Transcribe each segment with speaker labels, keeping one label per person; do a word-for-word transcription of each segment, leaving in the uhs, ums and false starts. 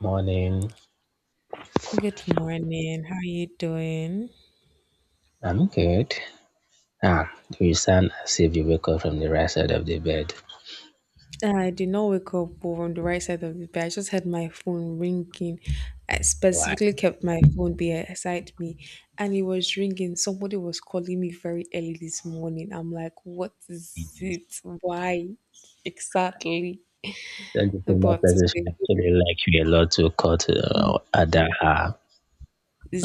Speaker 1: Morning.
Speaker 2: Good morning. How are you doing?
Speaker 1: I'm good. Ah, you sound as if you woke up from the right side of the bed.
Speaker 2: I did not wake up on the right side of the bed. I just had my phone ringing. I
Speaker 1: Why?
Speaker 2: specifically kept my phone beside me and it was ringing. Somebody was calling me very early this morning. I'm like, what is it? Why exactly?
Speaker 1: Don't you think that
Speaker 2: But it's
Speaker 1: person
Speaker 2: a
Speaker 1: should
Speaker 2: good-
Speaker 1: actually like you a lot to cut uh, other her?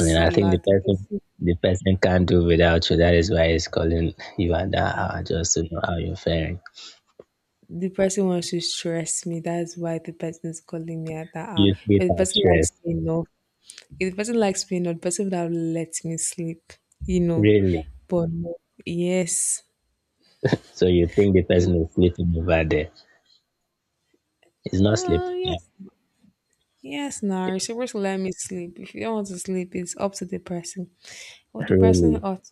Speaker 1: I mean, I think the
Speaker 2: like the
Speaker 1: person
Speaker 2: person,
Speaker 1: the person can't do without you. That is why he's calling you under her just to know how you're faring.
Speaker 2: the person wants to stress me. That's why the person is calling me at that hour.
Speaker 1: You sleep
Speaker 2: If the
Speaker 1: and
Speaker 2: person likes
Speaker 1: stress,
Speaker 2: me enough, If the person likes me, not the person would have let me sleep, you know.
Speaker 1: really.
Speaker 2: But no, yes.
Speaker 1: So you think the person is sleeping over there? He's not
Speaker 2: Uh,
Speaker 1: sleeping, yeah.
Speaker 2: yes. Yes, now you're supposed to let me sleep. If you don't want to sleep, it's up to the person. But the person
Speaker 1: Really.
Speaker 2: ought to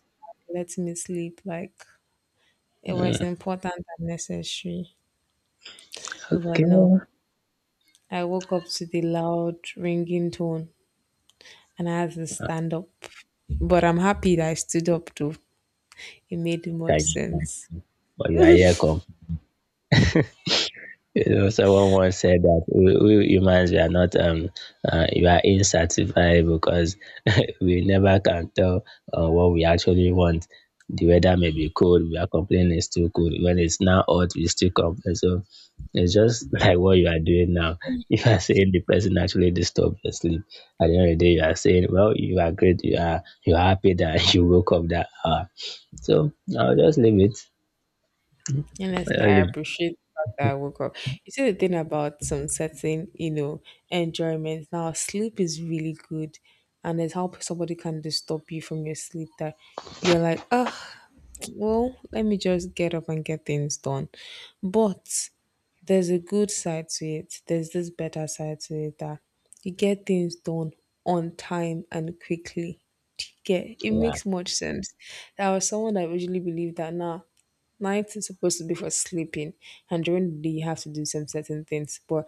Speaker 2: let me sleep, like it was
Speaker 1: Hmm.
Speaker 2: important and necessary. But no,
Speaker 1: Okay.
Speaker 2: I woke up to the loud ringing tone and I had to stand up. But I'm happy that I stood up though. It made much
Speaker 1: Okay.
Speaker 2: sense.
Speaker 1: But you are here. You know, someone once said that we, we humans we are not um uh, we are insatiable because we never can tell uh, what we actually want. The weather may be cold, we are complaining it's too cold. When it's now hot, we still complain. So it's just like what you are doing now. If you are saying the person actually disturbed your sleep, at the end of the day you are saying, "Well, you are great, you are you are happy that you woke up that hour." So I'll just leave it.
Speaker 2: Honestly,
Speaker 1: I'll
Speaker 2: I
Speaker 1: leave,
Speaker 2: appreciate the fact that I woke up. You see the thing about some certain, you know, enjoyment. Now sleep is really good, and it's how somebody can disturb you from your sleep that you're like, oh, well, let me just get up and get things done. But there's a good side to it. There's this better side to it that you get things done on time and quickly. Do you get It
Speaker 1: yeah.
Speaker 2: makes much sense. I was someone that usually believed that now night is supposed to be for sleeping, and during the day you have to do some certain things. But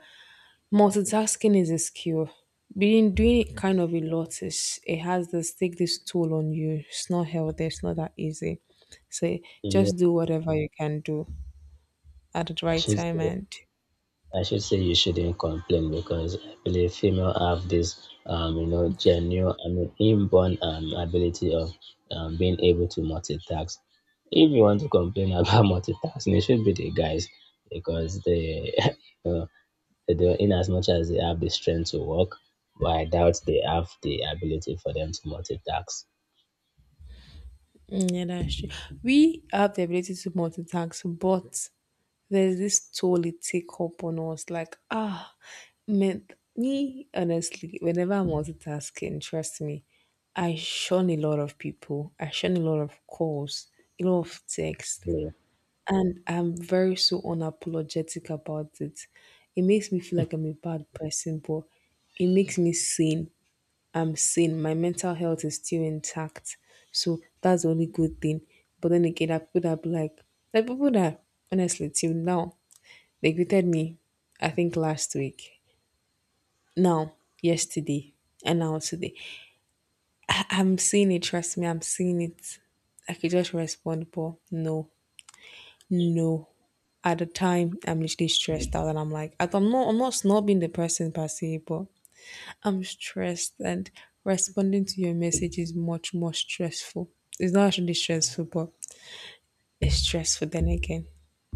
Speaker 2: multitasking is a skill. Being doing it kind of a lot is, it has this, take this toll on you. It's not healthy. It's not that easy. So
Speaker 1: Yeah,
Speaker 2: just do whatever you can do at the
Speaker 1: I
Speaker 2: right
Speaker 1: should
Speaker 2: time
Speaker 1: say.
Speaker 2: and
Speaker 1: I should say you shouldn't complain because I believe female have this, um, you know, genuine, I mean, inborn um, ability of um, being able to multitask. If you want to complain about multitasking, it should be the guys because they, you know, they do, in as much as they have the strength to work, but I doubt they have the ability for them to multitask.
Speaker 2: mm, yeah, that's true. We have the ability to multitask, but there's this toll it take up on us. Like ah, man, me honestly, whenever I'm multitasking, trust me, I shun a lot of people. I shun a lot of calls, a lot of texts.
Speaker 1: Yeah.
Speaker 2: And I'm very so unapologetic about it. It makes me feel like I'm a bad person, but it makes me sane. I'm sane. My mental health is still intact. So that's the only good thing. But then again, I put up like, like people that honestly till now, they greeted me, I think last week. Now, yesterday, and now today. I, I'm seeing it, trust me, I'm seeing it. I could just respond, but no. No. At the time, I'm literally stressed out, and I'm like, I don't- I'm not, I'm not snobbing the person per se, but I'm stressed, and responding to your message is much more stressful. It's not actually stressful, but it's stressful. Then again,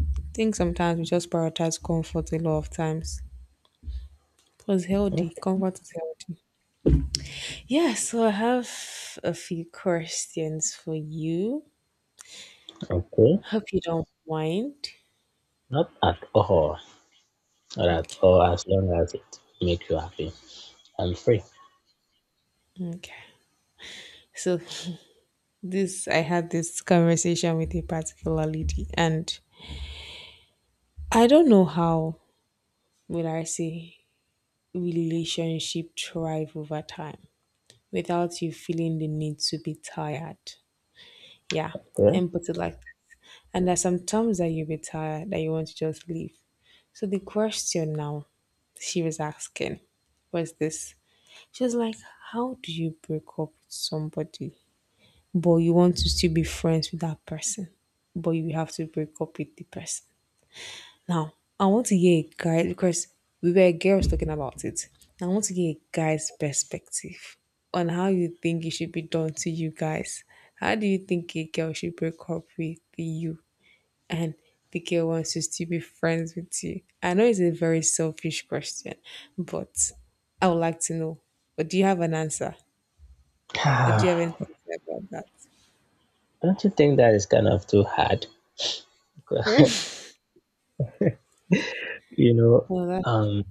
Speaker 2: I think sometimes we just prioritize comfort a lot of times. Plus, healthy comfort is healthy. Yeah, so I have a few questions for you.
Speaker 1: Okay,
Speaker 2: Hope you don't mind.
Speaker 1: not at all, not at
Speaker 2: Okay,
Speaker 1: all. As long as it makes you happy, I'm free.
Speaker 2: okay. So this I had this conversation with a particular lady, and I don't know how will I say relationship thrive over time without you feeling the need to be tired. Yeah.
Speaker 1: Okay.
Speaker 2: And put it like that. And there's some times that you'll be tired that you want to just leave. So the question now she was asking was this. She was like, how do you break up with somebody? But you want to still be friends with that person, but you have to break up with the person. Now, I want to hear a guy because we were girls talking about it. I want to hear a guy's perspective on how you think it should be done to you guys. How do you think a girl should break up with you, and the girl wants to still be friends with you? I know it's a very selfish question, but I would like to know. But do you have an answer? Or do you have anything to say about that?
Speaker 1: Don't you think that is kind of too hard? you know,
Speaker 2: Well, that's
Speaker 1: um,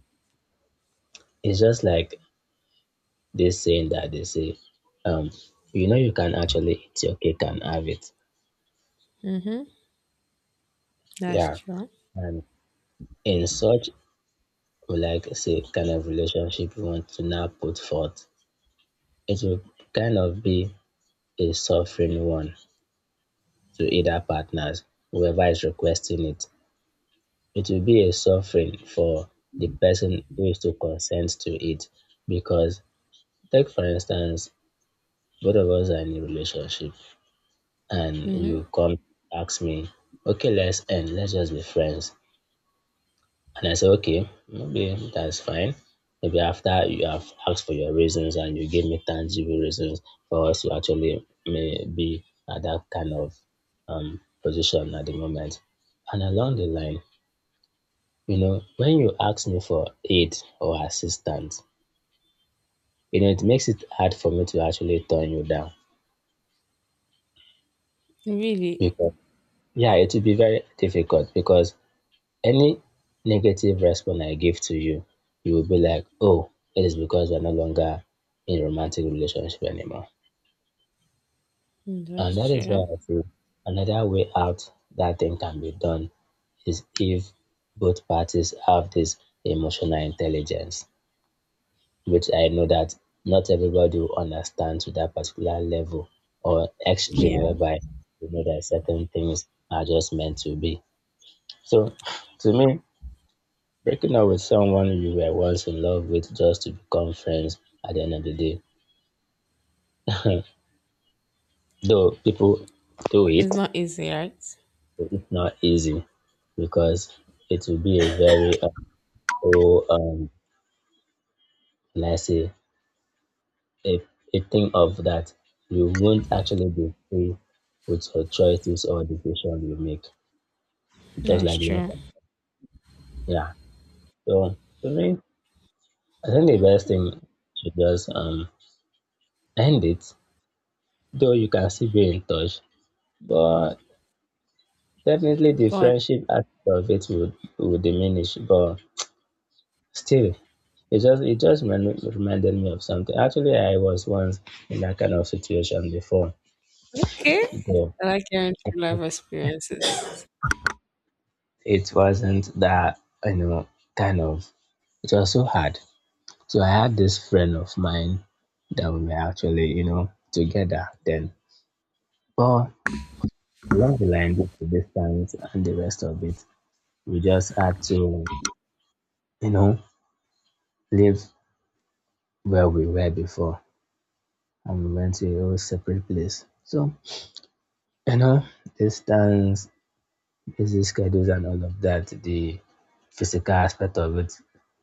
Speaker 1: it's just like this saying that they say, um, you know, you can actually eat your cake and have it.
Speaker 2: mm-hmm. That's
Speaker 1: Yeah.
Speaker 2: true.
Speaker 1: And in such, like, say, kind of relationship you want to now put forth, it will kind of be a suffering one to either partners, whoever is requesting it. It will be a suffering for the person who is to consent to it because, take for instance, both of us are in a relationship and
Speaker 2: Mm-hmm.
Speaker 1: you come ask me, okay, let's end, let's just be friends, and I say okay, maybe that's fine, maybe after you have asked for your reasons and you give me tangible reasons for us to actually may be at that kind of um position at the moment, and along the line, you know when you ask me for aid or assistance, you know it makes it hard for me to actually turn you down
Speaker 2: Really.
Speaker 1: because, yeah, it will be very difficult because any negative response I give to you, you will be like, oh, it is because we're no longer in romantic relationship anymore.
Speaker 2: Mm,
Speaker 1: And
Speaker 2: that's
Speaker 1: that is
Speaker 2: true.
Speaker 1: why I feel another way out that thing can be done is if both parties have this emotional intelligence, which I know that not everybody will understand to that particular level or extreme
Speaker 2: Yeah.
Speaker 1: whereby you know that certain things are just meant to be. So to me, breaking up with someone you were once in love with just to become friends at the end of the day. Though people do
Speaker 2: It's
Speaker 1: it,
Speaker 2: not easy, right?
Speaker 1: but it's not easy because it will be a very, uh, oh, um, let's say, a, a thing of that you won't actually be free with your choices or decision you make, just
Speaker 2: That's
Speaker 1: like the
Speaker 2: true.
Speaker 1: infant. Yeah. So for me, I think the best thing to just um end it, though you can still be in touch, but definitely the
Speaker 2: But
Speaker 1: friendship aspect of it would would diminish, but still, it just it just remi- reminded me of something. Actually, I was once in that kind of situation before,
Speaker 2: okay,
Speaker 1: but
Speaker 2: I like hearing true life experiences.
Speaker 1: it wasn't that, you know, kind of, it was so hard. So I had this friend of mine that we were actually, you know, together then, but along the line with the distance and the rest of it, we just had to, you know, live where we were before. And we went to a separate place. So, you know, distance, busy schedules, and all of that, the physical aspect of it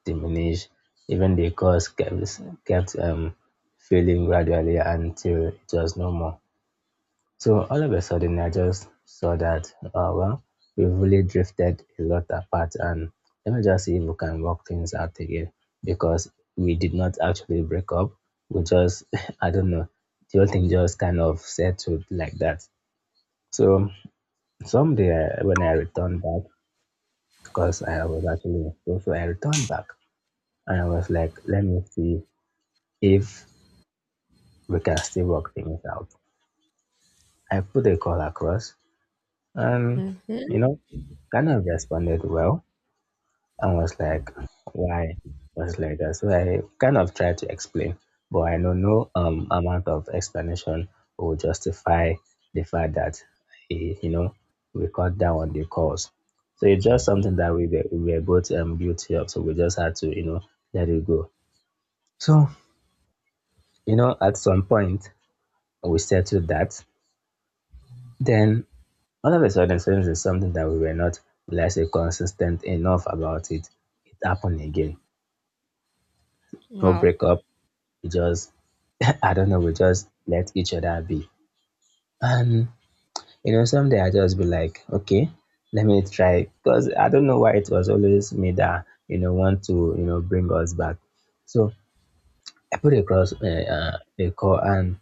Speaker 1: diminished. Even the cost kept, kept um, failing gradually until it was no more. So all of a sudden, I just saw that, uh, well, we've really drifted a lot apart, and let me just see if we can work things out again because we did not actually break up. We just, I don't know, the whole thing just kind of settled like that. So someday I, when I returned back, because I was actually in school, so I returned back and I was like, let me see if we can still work things out. I put a call across. And, you
Speaker 2: Mm-hmm.
Speaker 1: know, kind of responded well and was like, why was like that? So I kind of tried to explain, but I know no um amount of explanation will justify the fact that eh, you know, we cut down on the calls. So it's just something that we were, we were both um guilty of. So we just had to, you know, let it go. So you know, at some point we settled that. Then all of a sudden, since it's something that we were not, let's say, consistent enough about it, it happened again. No
Speaker 2: Wow,
Speaker 1: breakup. We just, I don't know, we just let each other be. And, you know, someday I just be like, okay, let me try. Because I don't know why it was always me that, you know, want to, you know, bring us back. So I put across uh, uh, a call and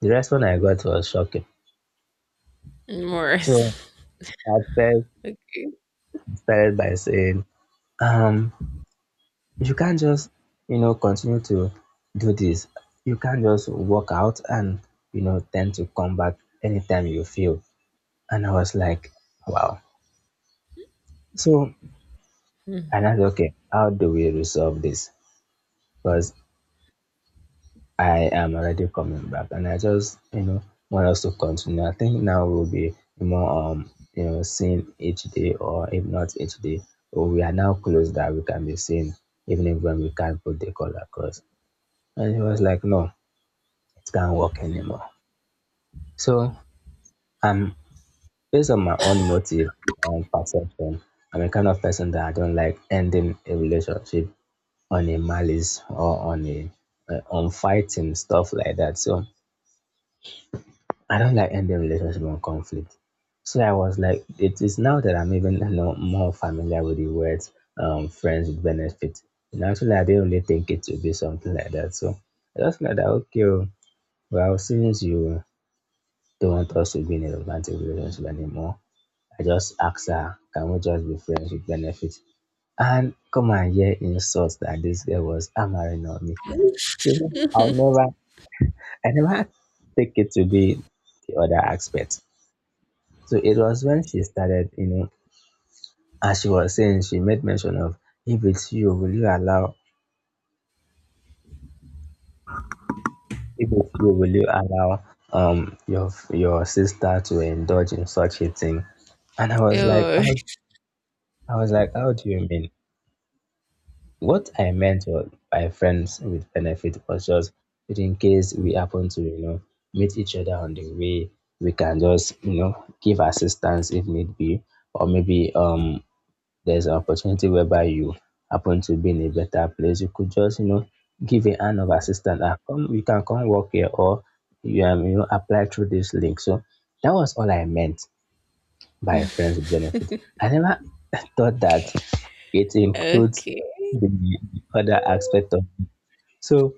Speaker 1: the response I got was shocking.
Speaker 2: more.
Speaker 1: So I first
Speaker 2: Okay.
Speaker 1: started by saying, um, you can't just, you know, continue to do this, you can't just walk out and, you know, tend to come back anytime you feel. And I was like, wow. So, and I said okay, how do we resolve this, because I am already coming back and I just, you know, want us to continue. I think now we'll be more um you know, seen each day, or if not each day, or we are now close that we can be seen even if when we can't put the call across. And he was like, no, it can't work anymore. So I'm based on my own motive and perception. I'm a kind of person that I don't like ending a relationship on a malice or on a uh, on fighting stuff like that. So I don't like ending relationship on conflict. So I was like, it is now that I'm even, you know, more familiar with the words um, friends with benefit. And actually, I didn't really think it would be something like that. So I just like that, okay, oh, well, since you don't want us to be in a romantic relationship anymore. I just asked her, can we just be friends with benefits? And come and hear insults that this girl was hammering on me. To me, I'll never, I never take it to be the other aspect. So it was when she started, you know, as she was saying, she made mention of, if it's you, will you allow, if it's you, will you allow um your your sister to indulge in such a thing? And I was like,
Speaker 2: Oh,
Speaker 1: how, I was like, how do you mean? What I meant wa- by friends with benefit was just that in case we happen to, you know, meet each other on the way, we can just, you know, give assistance if need be, or maybe um there's an opportunity whereby you happen to be in a better place, you could just, you know, give a hand of assistance. Ah, come, you can come work here, or you, um, you know, apply through this link. So that was all I meant by a friends with benefit. I never thought that it includes
Speaker 2: okay.
Speaker 1: the other aspect of. So,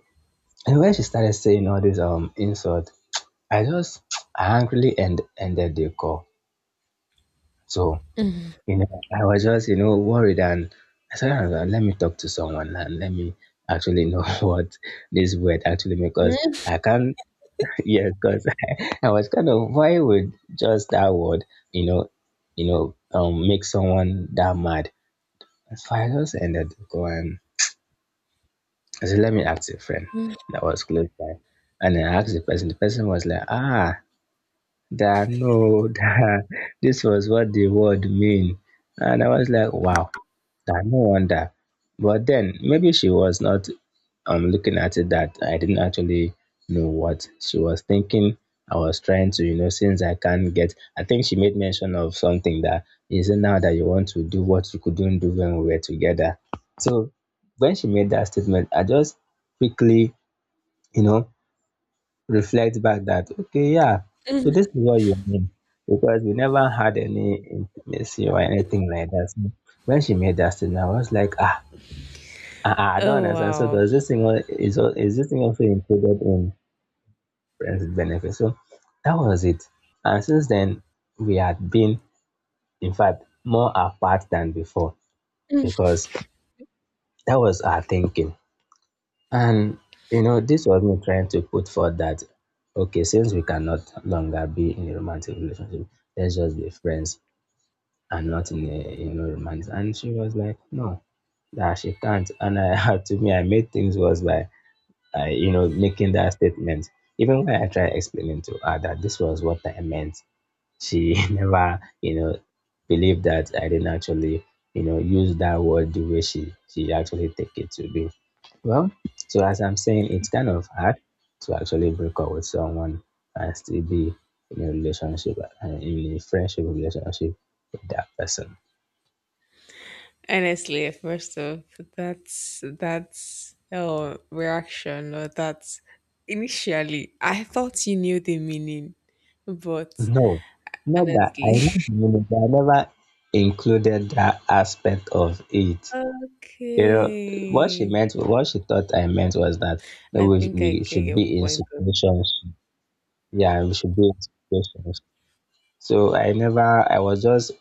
Speaker 1: and when she started saying all this um insult, I just angrily end, ended the call. So,
Speaker 2: Mhm.
Speaker 1: you know, I was just, you know, worried and I said, "Ah, well, let me talk to someone and let me actually know what this word actually means because I can't, yes, because I was kind of, why would just that word, you know, you know, um, make someone that mad?" Firehose ended the call. I said, let me ask a friend that was close by. And I asked the person, the person was like, ah, da, no, da, this was what the word mean. And I was like, wow. I no wonder. But then maybe she was not um looking at it that I didn't actually know what she was thinking. I was trying to, you know, since I can't get I think she made mention of something that is it now that you want to do what you couldn't do when we were together. So when she made that statement, I just quickly, you know, reflect back that okay, yeah. So this is what you mean. Because we never had any intimacy or anything like that. So when she made that statement, I was like, ah, I, I I don't
Speaker 2: Oh
Speaker 1: understand. So
Speaker 2: wow.
Speaker 1: does this thing al- is al- is this thing also included in friends with benefits? So that was it. And since then we had been in fact more apart than before because that was our thinking. And you know, this was me trying to put forth that okay, since we cannot longer be in a romantic relationship, let's just be friends and not in a you know romance. And she was like, no, that she can't. And I had to me I made things worse by uh, you know, making that statement. Even when I tried explaining to her that this was what I meant, she never, you know, believed that I didn't actually, you know, use that word the way she she actually take it to be. Well, so as I'm saying, it's kind of hard to actually break up with someone and still be in a relationship and in a friendship relationship with that person.
Speaker 2: Honestly, first off, that's that's oh reaction, or that's, initially I thought you knew the meaning, but
Speaker 1: No, not that I,
Speaker 2: honestly.
Speaker 1: not, meaning that I never included that aspect of it. You know, what she
Speaker 2: Okay.
Speaker 1: meant, what she thought I meant was that maybe
Speaker 2: I
Speaker 1: we, sh-
Speaker 2: think I
Speaker 1: we
Speaker 2: get
Speaker 1: should
Speaker 2: your
Speaker 1: be in
Speaker 2: point of
Speaker 1: situations. Yeah, we should be in situations. So I never, I was just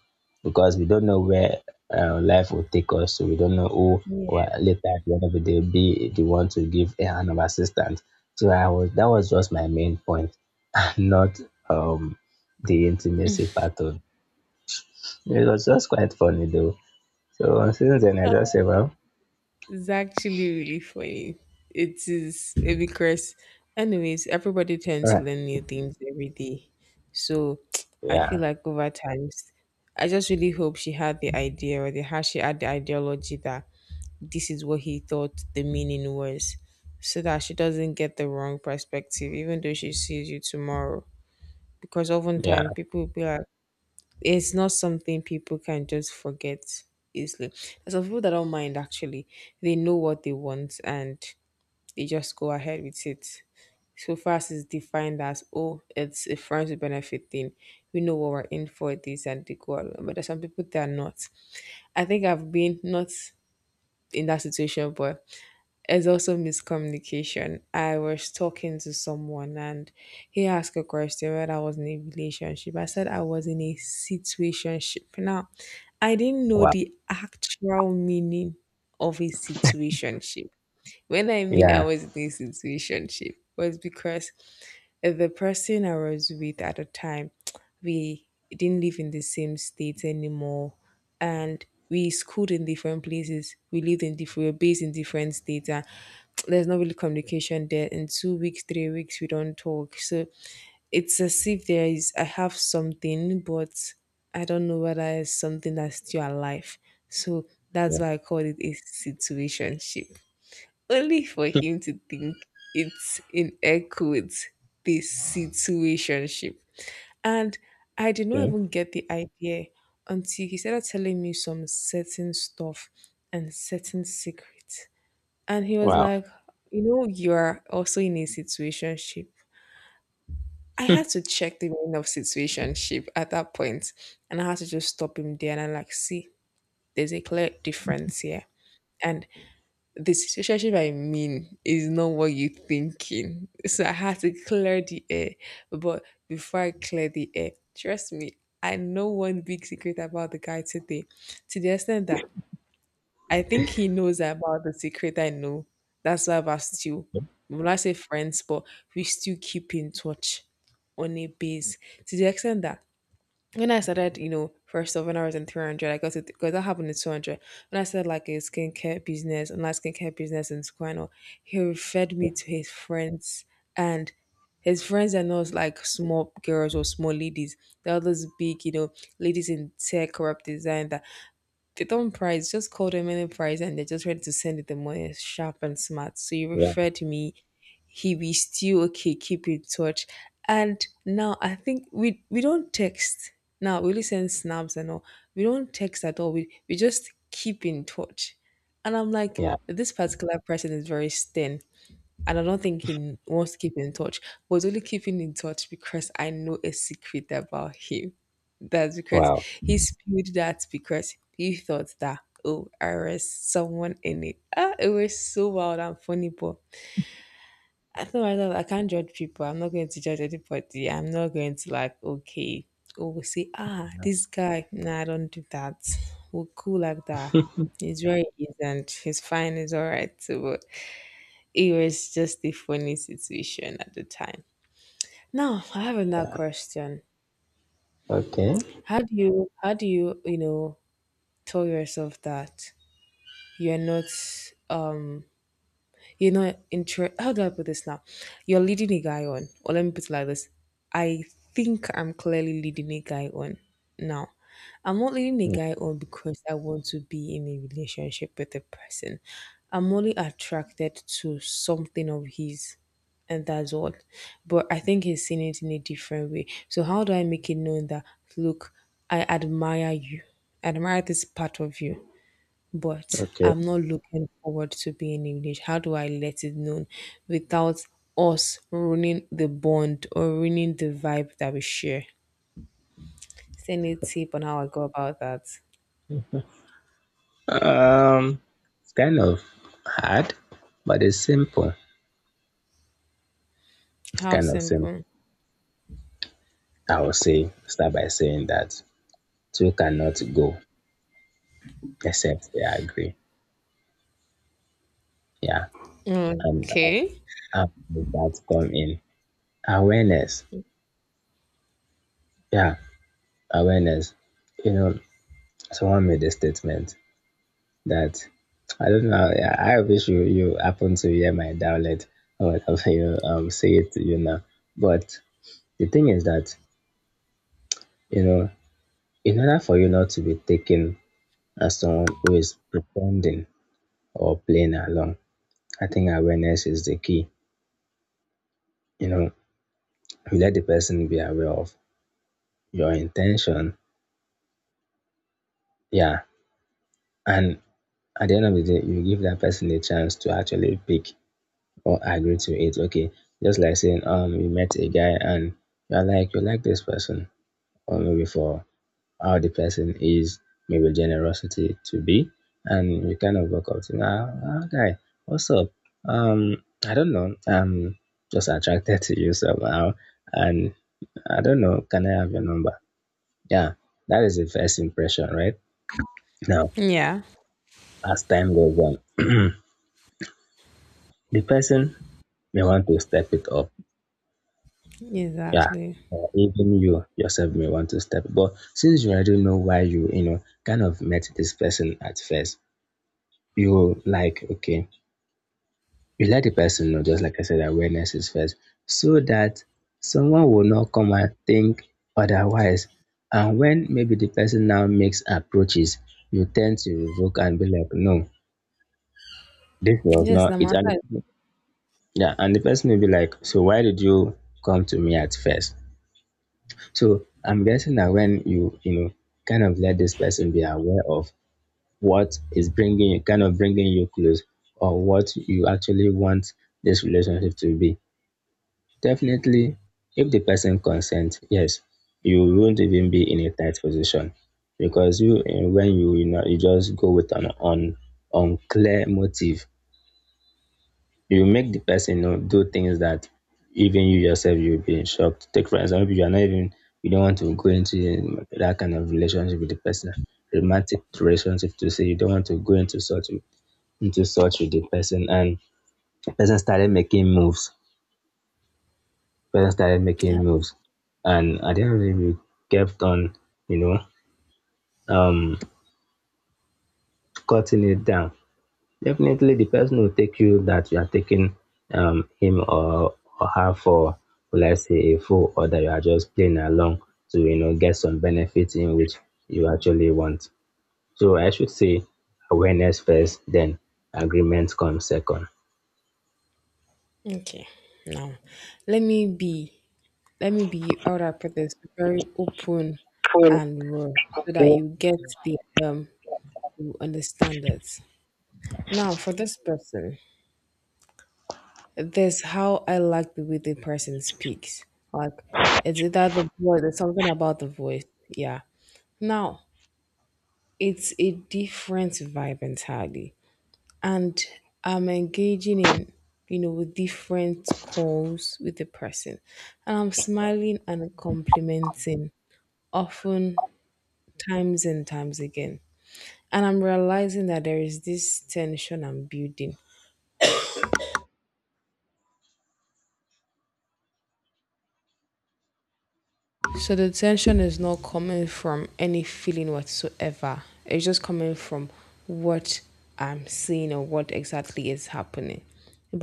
Speaker 1: because we don't know where uh, life will take us. So we don't know who will
Speaker 2: yeah.
Speaker 1: later at the end of the day be the one to give a hand of assistance. So I was, that was just my main point, not um the intimacy part of it. Was just quite funny though. So since then, I just say, well,
Speaker 2: It's actually really funny. It is eh, because anyways, everybody
Speaker 1: all
Speaker 2: tends to
Speaker 1: right.
Speaker 2: learn new things every day. So I feel
Speaker 1: Yeah,
Speaker 2: like over times I just really hope she had the idea or the how she had the ideology that this is what he thought the meaning was. So that she doesn't get the wrong perspective, even though she sees you tomorrow. Because oftentimes
Speaker 1: yeah,
Speaker 2: people will be like it's not something people can just forget easily. There's some people that don't mind actually. They know what they want and they just go ahead with it. So far as it's defined as oh, it's a friends with benefit thing. We know what we're in for this and they go along. But there's some people that are not. I think I've been not in that situation, but it's also miscommunication. I was talking to someone and he asked a question whether I was in a relationship. I said I was in a situationship. Now, I didn't know
Speaker 1: wow.
Speaker 2: the actual meaning of a situationship. When I mean I
Speaker 1: Yeah.
Speaker 2: was in a situationship was because the person I was with at the time, we didn't live in the same state anymore, and we schooled in different places. We lived in different, we were based in different states, and there's not really communication there. In two weeks, three weeks, we don't talk. So it's as if there is, I have something, but I don't know whether it's something that's still alive. So
Speaker 1: Yeah.
Speaker 2: that's why I call it a situationship only for him to think it's in air quotes the situationship. And I did not
Speaker 1: Mm.
Speaker 2: even get the idea until he started telling me some certain stuff and certain secrets. And he was
Speaker 1: Wow.
Speaker 2: like, you know, you are also in a situationship. I had to check the meaning of situationship at that point, and I had to just stop him there and I'm like, see, there's a clear difference here. And the situation I'm in is not what you're thinking. So I had to clear the air. But before I clear the air, trust me, I know one big secret about the guy today. To the extent that I think he knows about the secret I know. That's why we're still, when I say friends, but we still keep in touch on a base. To the extent that when I started, you know, first off, when I was in three hundred, I got it because that happened in two hundred. When I started like a skincare business, online skincare business in Squano, he referred me to his friends, and his friends are not like small girls or small ladies. They're all those big, you know, ladies in tech, corrupt design, they don't price, just call them any price and they're just ready to send it the money sharp and smart. So you
Speaker 1: Yeah.
Speaker 2: referred me, he be still okay, keep in touch. And now I think we we don't text. Now we only send snaps and all. We don't text at all. We we just keep in touch. And I'm like,
Speaker 1: Yeah.
Speaker 2: this particular person is very stern, and I don't think he wants to keep in touch. But he's only keeping in touch because I know a secret about him. That's because
Speaker 1: Wow.
Speaker 2: he spilled that because he thought that oh there is someone in it. Ah, it was so wild and funny, but I thought I thought I can't judge people. I'm not going to judge anybody. I'm not going to like okay. Oh, say ah, this guy. Nah, I don't do that. We're cool like that. He's very innocent. He's fine. He's all right. So, it was just a funny situation at the time. Now, I have another question.
Speaker 1: Okay.
Speaker 2: How do you how do you, you know, tell yourself that you're not um you're not inter, how do I put this now? You're leading a guy on. Or let me put it like this. I think I'm clearly leading a guy on now. I'm not leading a
Speaker 1: Mm.
Speaker 2: guy on because I want to be in a relationship with a person. I'm only attracted to something of his and that's all. But I think he's seen it in a different way. So how do I make it known that look, I admire you, I admire this part of you but
Speaker 1: Okay.
Speaker 2: I'm not looking forward to being English. How do I let it known without us ruining the bond or ruining the vibe that we share? Is there any tip on how I go about that?
Speaker 1: Um, it's kind of hard, but it's simple.
Speaker 2: How
Speaker 1: Kind of simple.
Speaker 2: simple.
Speaker 1: I will say start by saying that two cannot go except they agree. Yeah. And uh,
Speaker 2: Okay.
Speaker 1: how does that come in? Awareness. Yeah. Awareness. You know, someone made a statement. That I don't know. Yeah, I wish you you happen to hear my dialect or whatever you um say it you know. But the thing is that you know, in order for you not to be taken as someone who is pretending or playing along, I think awareness is the key. You know, you let the person be aware of your intention. Yeah, and at the end of the day, you give that person a chance to actually pick or agree to it. Okay, just like saying, um, you met a guy and you're like, you like this person, or maybe for how the person is, maybe generosity to be, and you kind of walk up to him, ah, ah, guy, what's up? Um, I don't know, I'm just attracted to you somehow, and I don't know, can I have your number? Yeah, that is the first impression, right? Now,
Speaker 2: Yeah,
Speaker 1: as time goes on, the person may want to step it up, yeah,
Speaker 2: exactly.
Speaker 1: or even you yourself may want to step, but since you already know why you you know kind of met this person at first, you like okay, you let the person know, just like I said, awareness is first, so that someone will not come and think otherwise. And when maybe the person now makes approaches, you tend to revoke and be like no, this was
Speaker 2: Yes,
Speaker 1: not
Speaker 2: the
Speaker 1: it.
Speaker 2: matter
Speaker 1: And
Speaker 2: is
Speaker 1: yeah, and the person will be like, so why did you come to me at first? So I'm guessing that when you you know kind of let this person be aware of what is bringing kind of bringing you close or what you actually want this relationship to be. Definitely, if the person consents, yes, you won't even be in a tight position because you eh, when you you know you just go with an on unclear motive, you make the person know do things that even you yourself you'll be in shock. Take for example, you are not even you don't want to go into that kind of relationship with the person, romantic relationship to say you don't want to go into such with- into such with the person, and the person started making moves. Person started making moves. And at the end of the day, we kept on, you know, um cutting it down. Definitely, the person will take you that you are taking um, him, or, or her for, will I say, a fool, or that you are just playing along to, you know, get some benefit in which you actually want. So I should say awareness first, then agreement comes second.
Speaker 2: okay. Now, let me be, let me be, how would I put this? Very open
Speaker 1: Full.
Speaker 2: and raw so that
Speaker 1: Yeah.
Speaker 2: you get the, um, you understand it. Now, for this person, this how I like the way the person speaks. Like it's either the voice, there's something about the voice. Yeah. Now it's a different vibe entirely. And I'm engaging in, you know, with different calls with the person. And I'm smiling and complimenting often times and times again. And I'm realizing that there is this tension I'm building. So the tension is not coming from any feeling whatsoever. It's just coming from what I'm seeing or what exactly is happening.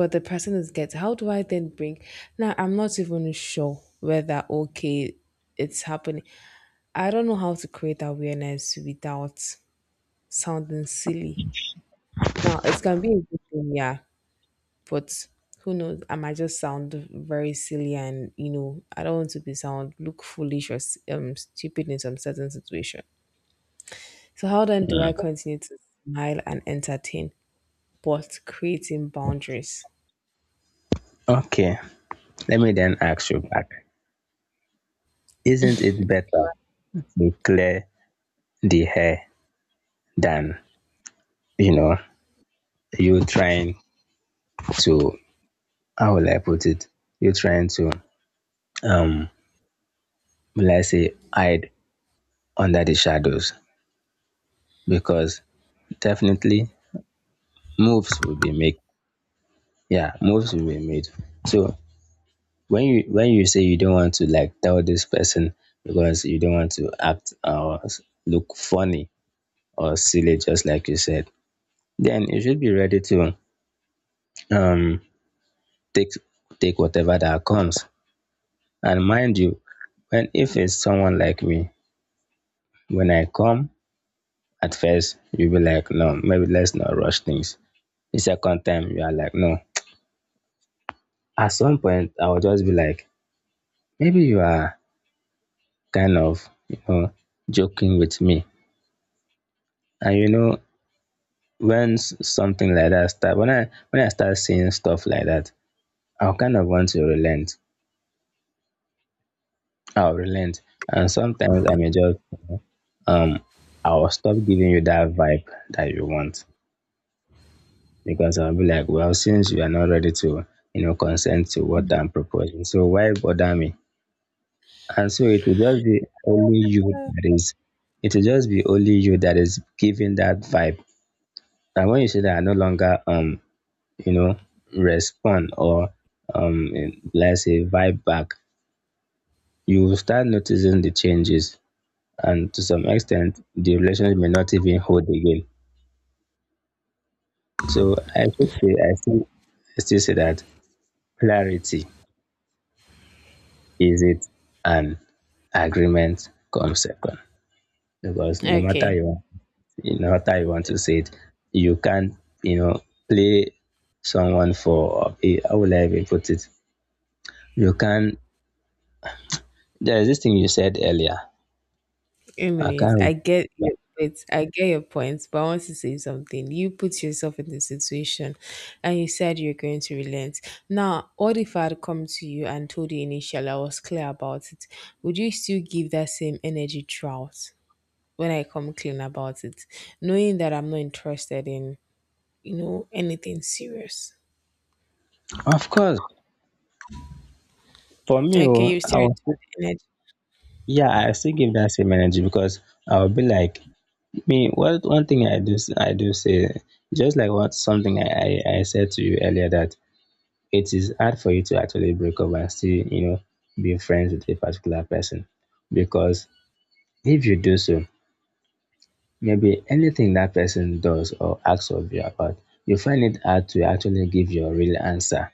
Speaker 2: But the person is get how do I then bring now I'm not even sure whether okay it's happening. I don't know how to create awareness without sounding silly. Now it can be a good thing, yeah, but who knows, I might just sound very silly, and you know I don't want to be sound look foolish or s- um, stupid in some certain situation. So how then do
Speaker 1: Mm.
Speaker 2: I continue to smile and entertain but creating boundaries?
Speaker 1: Okay, let me then ask you back. Isn't it better to clear the hair than, you know, you trying to, how will I put it? You trying to um will I say hide under the shadows, because definitely moves will be made. Yeah, moves will be made. So when you when you say you don't want to like tell this person because you don't want to act or s- look funny or silly, just like you said, then you should be ready to um take take whatever that comes. And mind you, when if it's someone like me, when I come. At first, you'll be like, no, maybe let's not rush things. The second time, you are like, no. At some point, I will just be like, maybe you are kind of, you know, joking with me. And you know, when s- something like that start, when I when I start seeing stuff like that, I'll kind of want to relent. I'll relent, and sometimes I may just, um, I'll stop giving you that vibe that you want. Because I'll be like, well, since you are not ready to, you know, consent to what I'm proposing, so why bother me? And so it will just be only you that is, it will just be only you that is giving that vibe. And when you see that I no longer, um, you know, respond or, um, let's say vibe back, you will start noticing the changes. And to some extent, the relationship may not even hold again. So I should say, I still, I still say that clarity is it, an agreement comes second, because no matter
Speaker 2: Okay,
Speaker 1: you no matter you want to say it, you can't you know play someone for eh, how will I even put it? You can there is this thing you said earlier. I
Speaker 2: anyways,
Speaker 1: can't
Speaker 2: I get your
Speaker 1: remember.
Speaker 2: points. I get your points, but I want to say something. You put yourself in the situation and you said you're going to relent. Now, what if I had come to you and told you initially I was clear about it? Would you still give that same energy throughout when I come clean about it? Knowing that I'm not interested in, you know, anything serious.
Speaker 1: Of course, for me,
Speaker 2: Okay,
Speaker 1: oh,
Speaker 2: you
Speaker 1: I
Speaker 2: still
Speaker 1: was,
Speaker 2: return
Speaker 1: yeah, I still give that same energy because I will be like me. What one thing I do, s- I do say, just like what something I, I, I said to you earlier, that it is hard for you to actually break up and still, you know, be friends with a particular person. Because if you do so, maybe anything that person does or acts of you about, you find it hard to actually give your real answer.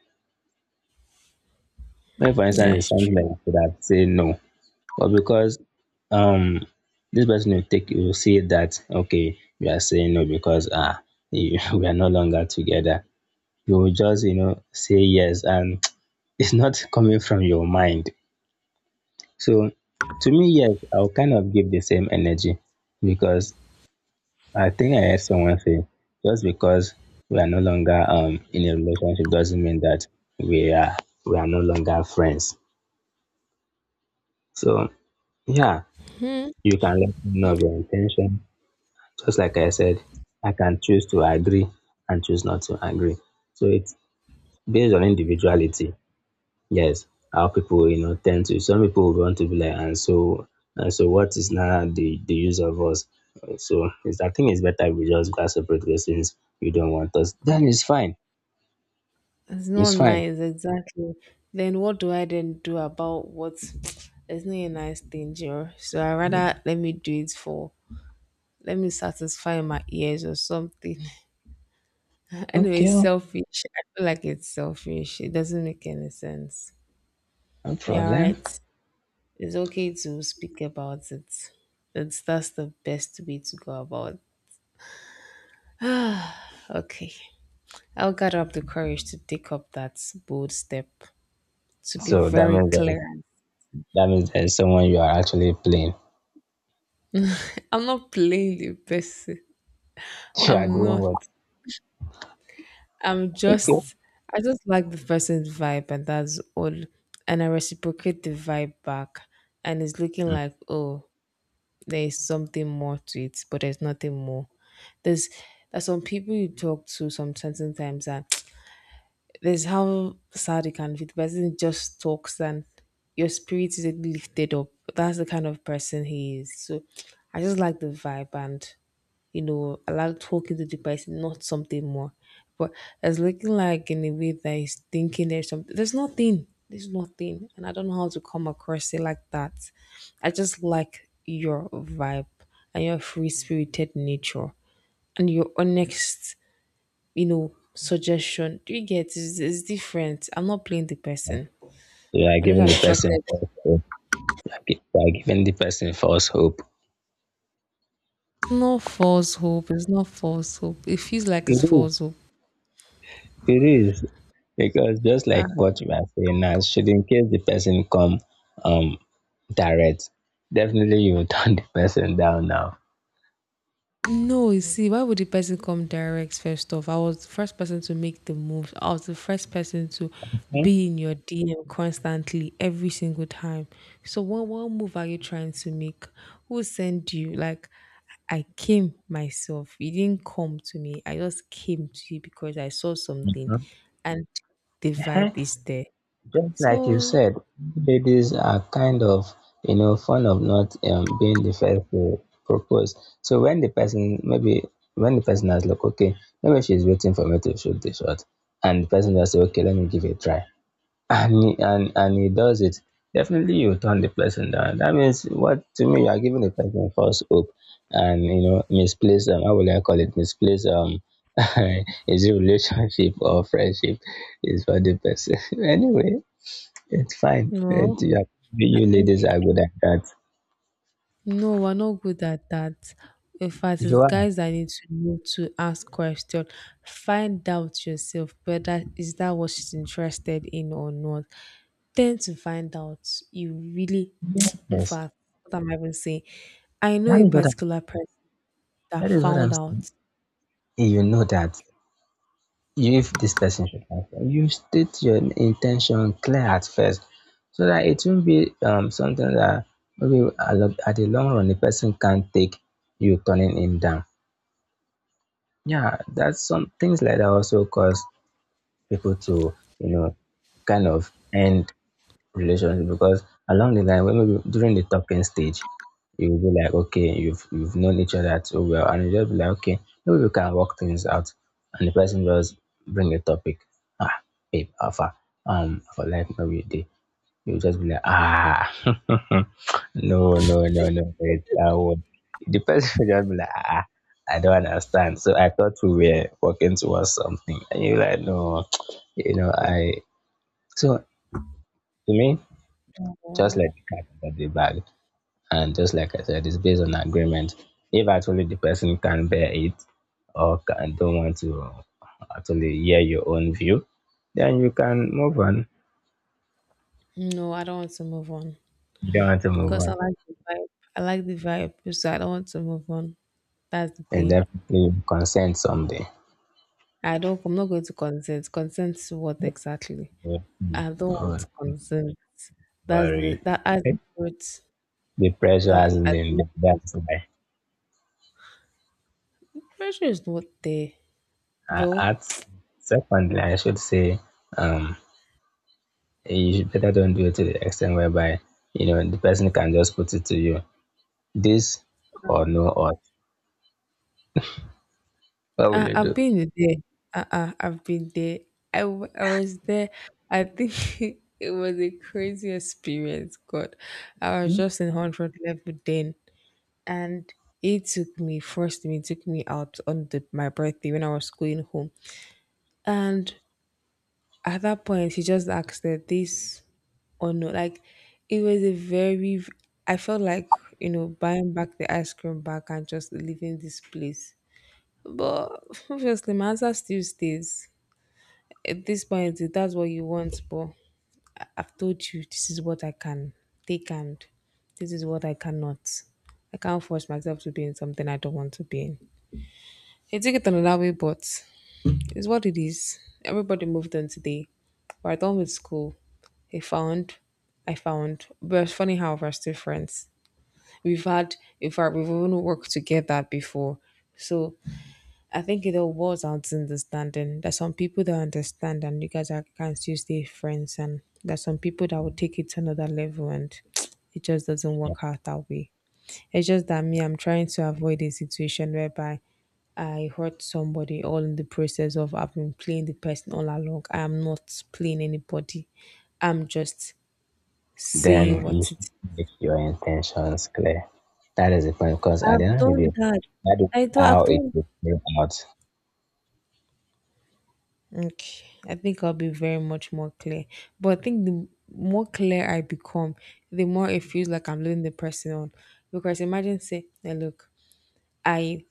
Speaker 1: When, for
Speaker 2: the energy.
Speaker 1: instance, it's
Speaker 2: That's
Speaker 1: something
Speaker 2: true.
Speaker 1: like that you could have said no, but because um this person will take will see that okay, we are saying no because ah we are no longer together. You will just you know say yes, and it's not coming from your mind. So to me, yes, I'll kind of give the same energy because I think I heard someone say just because we are no longer um in a relationship doesn't mean that we are we are no longer friends. So yeah,
Speaker 2: Hmm.
Speaker 1: you can let me know
Speaker 2: Hmm.
Speaker 1: of your intention. Just like I said, I can choose to agree and choose not to agree. So it's based on individuality. Yes, how people you know tend to some people would want to be like and so and so what is now the the use of us? Uh, So it's I think it's better we just go our separate ways since you don't want us. Then it's fine.
Speaker 2: It's
Speaker 1: It's
Speaker 2: not
Speaker 1: fine.
Speaker 2: nice, exactly. Then what do I then do about what? It's not a nice thing, Joe. So I rather, let me do it for let me satisfy my ears or something. Anyway,
Speaker 1: Okay, oh,
Speaker 2: selfish. I feel like it's selfish. It doesn't make any sense.
Speaker 1: no
Speaker 2: Yeah,
Speaker 1: problem.
Speaker 2: right. It's okay to speak about it. That's that's the best way to go about. Okay, I'll gather up the courage to take up that bold step to be
Speaker 1: So that
Speaker 2: very
Speaker 1: means that
Speaker 2: clear.
Speaker 1: that means there's someone you are actually playing.
Speaker 2: I'm not playing the best.
Speaker 1: You are
Speaker 2: I'm
Speaker 1: doing
Speaker 2: not.
Speaker 1: what?
Speaker 2: I'm
Speaker 1: Okay.
Speaker 2: just. I just like the person's vibe, and that's all. And I reciprocate the vibe back, and it's looking
Speaker 1: Mm.
Speaker 2: like oh, there's something more to it, but there's nothing more. There's there's some people you talk to some certain times, and there's how sad it can be. The person just talks, and your spirit is lifted up. That's the kind of person he is. So, I just like the vibe, and you know, I like talking to the person, not something more. But it's looking like in a way that he's thinking there's something. There's nothing. There's nothing. And I don't know how to come across it like that. I just like your vibe and your free spirited nature and your honest, you know, suggestion. Do you get, it's, it's different. I'm not playing the person.
Speaker 1: You are
Speaker 2: I'm
Speaker 1: giving
Speaker 2: not
Speaker 1: the
Speaker 2: attracted.
Speaker 1: person
Speaker 2: It's
Speaker 1: false hope. You are gi- you are giving the person false hope.
Speaker 2: not false hope. It's not false hope. It feels like it's false hope.
Speaker 1: It is because just
Speaker 2: Ah.
Speaker 1: like what you are saying now, should in case the person come um direct, definitely you will turn the person down now.
Speaker 2: No, you see, why would the person come direct first off? I was the first person to make the move. I was the first person to be in your D M constantly every single time. So what what move are you trying to make? Who sent you? Like I came myself. You didn't come to me. I just came to you because I saw something
Speaker 1: Hmm?
Speaker 2: and the vibe
Speaker 1: Eh,
Speaker 2: is there.
Speaker 1: Just like you
Speaker 2: So
Speaker 1: said, ladies are kind of you know fond of not um, being the first to propose. So when the person maybe when the person has like okay, maybe she's waiting for me to shoot the shot, and the person just say okay, let me give it a try. And he, and and he does it, definitely you turn the person down. That means what to me you are giving the person false hope and you know misplaced um how will I call it misplaced um is it relationship or friendship is for the person. Anyway, it's fine. It,
Speaker 2: no.
Speaker 1: you, are- you ladies are good at that.
Speaker 2: No, we're not good at that. In fact,
Speaker 1: You
Speaker 2: it's
Speaker 1: are
Speaker 2: guys that need to know to ask question. Find out yourself whether is that what she's interested in or not. Tend to find out. You really, in
Speaker 1: yes.
Speaker 2: fact, what am I even saying? I know
Speaker 1: That
Speaker 2: a
Speaker 1: is what I'm,
Speaker 2: particular person that
Speaker 1: that is what I'm
Speaker 2: found
Speaker 1: saying.
Speaker 2: out.
Speaker 1: You know that. If this person should transfer, you state your intention clear at first so that it won't be um, something that maybe a lo- at the long run the person can't take you turning him down. Yeah, that's some things like that also cause people to, you know, kind of end relationship because along the line when maybe during the talking stage you will be like okay you've you've known each other so well and you just be like okay maybe we can work things out and the person just bring a topic, ah, babe alpha um for like maybe they you just be like ah no no no no wait I won't. The person will just be like ah I don't understand so I thought we were working towards something and you're like no. You know I so to me just
Speaker 2: Oh,
Speaker 1: like the cat under the bag. And just like I said, it's based on agreement. If actually the person can bear it or can, don't want to actually hear your own view, then you can move on.
Speaker 2: no, I don't want to move on
Speaker 1: You don't want to move
Speaker 2: because I
Speaker 1: on.
Speaker 2: like the vibe. I like the vibe, so I don't want to move on. That's the
Speaker 1: And
Speaker 2: thing.
Speaker 1: definitely consent someday.
Speaker 2: I don't. I'm not going to consent. Consent to what exactly?
Speaker 1: Don't oh,
Speaker 2: I don't want to
Speaker 1: don't
Speaker 2: consume. That's
Speaker 1: worry.
Speaker 2: the, that as the truth
Speaker 1: The pressure
Speaker 2: that
Speaker 1: hasn't
Speaker 2: I
Speaker 1: been
Speaker 2: think
Speaker 1: there.
Speaker 2: it is.
Speaker 1: That's why.
Speaker 2: Pressure is not there,
Speaker 1: Uh,
Speaker 2: though.
Speaker 1: At secondly, I should say, um, you should better don't do it to the extent whereby you know the person can just put it to you this or no odds. What will
Speaker 2: I,
Speaker 1: you
Speaker 2: I've
Speaker 1: do?
Speaker 2: been there. Uh-uh, I've been there. I, w- I was there. I think it was a crazy experience. God, I was just in hundred level then, and it took me, first, me took me out on the, my birthday when I was going home, and at that point he just asked that this, or not. Like it was a very, I felt like, you know, buying back the ice cream back and just leaving this place. But obviously my answer still stays. At this point if that's what you want, but I- I've told you this is what I can take and this is what I cannot. I can't force myself to be in something I don't want to be in. I took it another way, but it's what it is. Everybody moved on today. We're done with school. I found, I found. But it's funny how we're still friends. We've had, in fact, we've even worked together before. So I think it all boils down understanding. There's some people that understand, and you guys are, can still stay friends. And there's some people that will take it to another level, and it just doesn't
Speaker 1: Yeah.
Speaker 2: work out that way. It's just that me, I'm trying to avoid a situation whereby I hurt somebody all in the process of I've been playing the person all along. I am not playing anybody. I'm just saying
Speaker 1: Then you
Speaker 2: what it.
Speaker 1: should make your intentions clear. That is the point, because at the
Speaker 2: I've
Speaker 1: end of the
Speaker 2: done
Speaker 1: day,
Speaker 2: that.
Speaker 1: that is
Speaker 2: I do. I've
Speaker 1: how it
Speaker 2: done.
Speaker 1: will play out.
Speaker 2: Okay, I think I'll be very much more clear. But I think the more clear I become, the more it feels like I'm leading the person on. Because imagine say, "Hey, look, I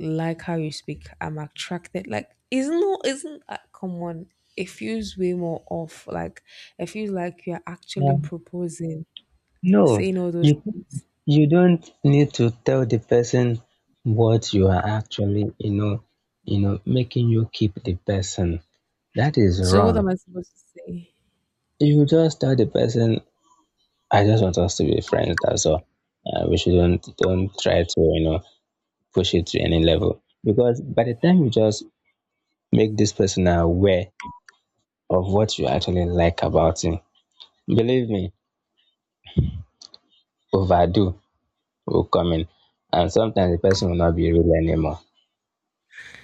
Speaker 2: like how you speak. I'm attracted. Like, isn't no, isn't uh, come on? It feels way more off. Like, it feels like you're
Speaker 1: Yeah.
Speaker 2: actually proposing,
Speaker 1: No,
Speaker 2: saying all those
Speaker 1: you
Speaker 2: things."
Speaker 1: you don't need to tell the person what you are actually, you know, you know, making you keep the person. That is
Speaker 2: So what
Speaker 1: wrong.
Speaker 2: am I supposed to say?
Speaker 1: You just tell the person, I just want us to be friends, that's all. Uh, we shouldn't don't try to, you know, push it to any level. Because by the time you just make this person aware of what you actually like about him, believe me, overdo will come in. And sometimes the person will not be real anymore.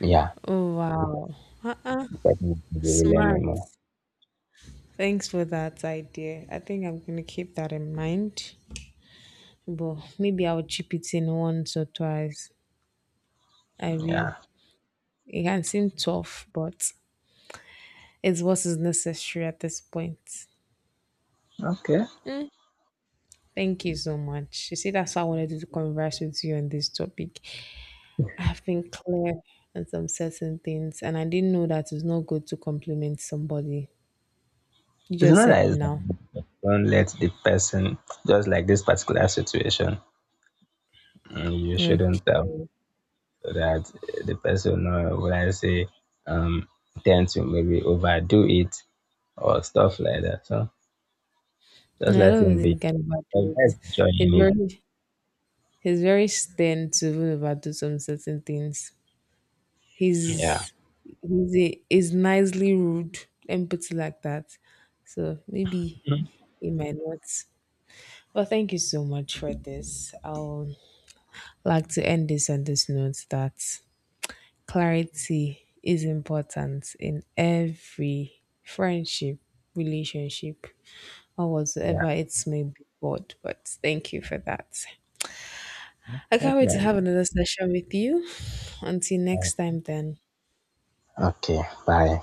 Speaker 1: Yeah,
Speaker 2: Oh wow. Uh-uh.
Speaker 1: the person will not be real
Speaker 2: Smart.
Speaker 1: anymore.
Speaker 2: Thanks for that idea. I think I'm gonna keep that in mind. But maybe I'll chip it in once or twice. I will.
Speaker 1: Yeah.
Speaker 2: It can seem tough, but it's what is necessary at this point.
Speaker 1: Okay.
Speaker 2: Mm, thank you so much. You see, that's why I wanted to converse with you on this topic. I've been clear on some certain things, and I didn't know that it's not good to compliment somebody. You
Speaker 1: It's
Speaker 2: just
Speaker 1: not
Speaker 2: said
Speaker 1: that it's
Speaker 2: now.
Speaker 1: don't let the person just like this particular situation. Mm, You shouldn't um,
Speaker 2: Okay.
Speaker 1: so that the person uh, will I say um tend to maybe overdo it or stuff like that. So just
Speaker 2: No, I
Speaker 1: let
Speaker 2: don't
Speaker 1: him
Speaker 2: really
Speaker 1: be.
Speaker 2: think I can
Speaker 1: The
Speaker 2: overdo it.
Speaker 1: guy's
Speaker 2: He's
Speaker 1: enjoying
Speaker 2: very, he's very stern to even overdo some certain things.
Speaker 1: it. Yeah.
Speaker 2: He's he's a, he's nicely rude. Let me put it like that. So maybe he might not. Well, thank you so much for this. I'll like to end this on this note, that clarity is important in every friendship, relationship, or
Speaker 1: Yeah.
Speaker 2: whatsoever it may be called. But thank you for that. I
Speaker 1: That's
Speaker 2: can't wait to
Speaker 1: right.
Speaker 2: have another session with you. Until next time, then.
Speaker 1: Okay. Bye.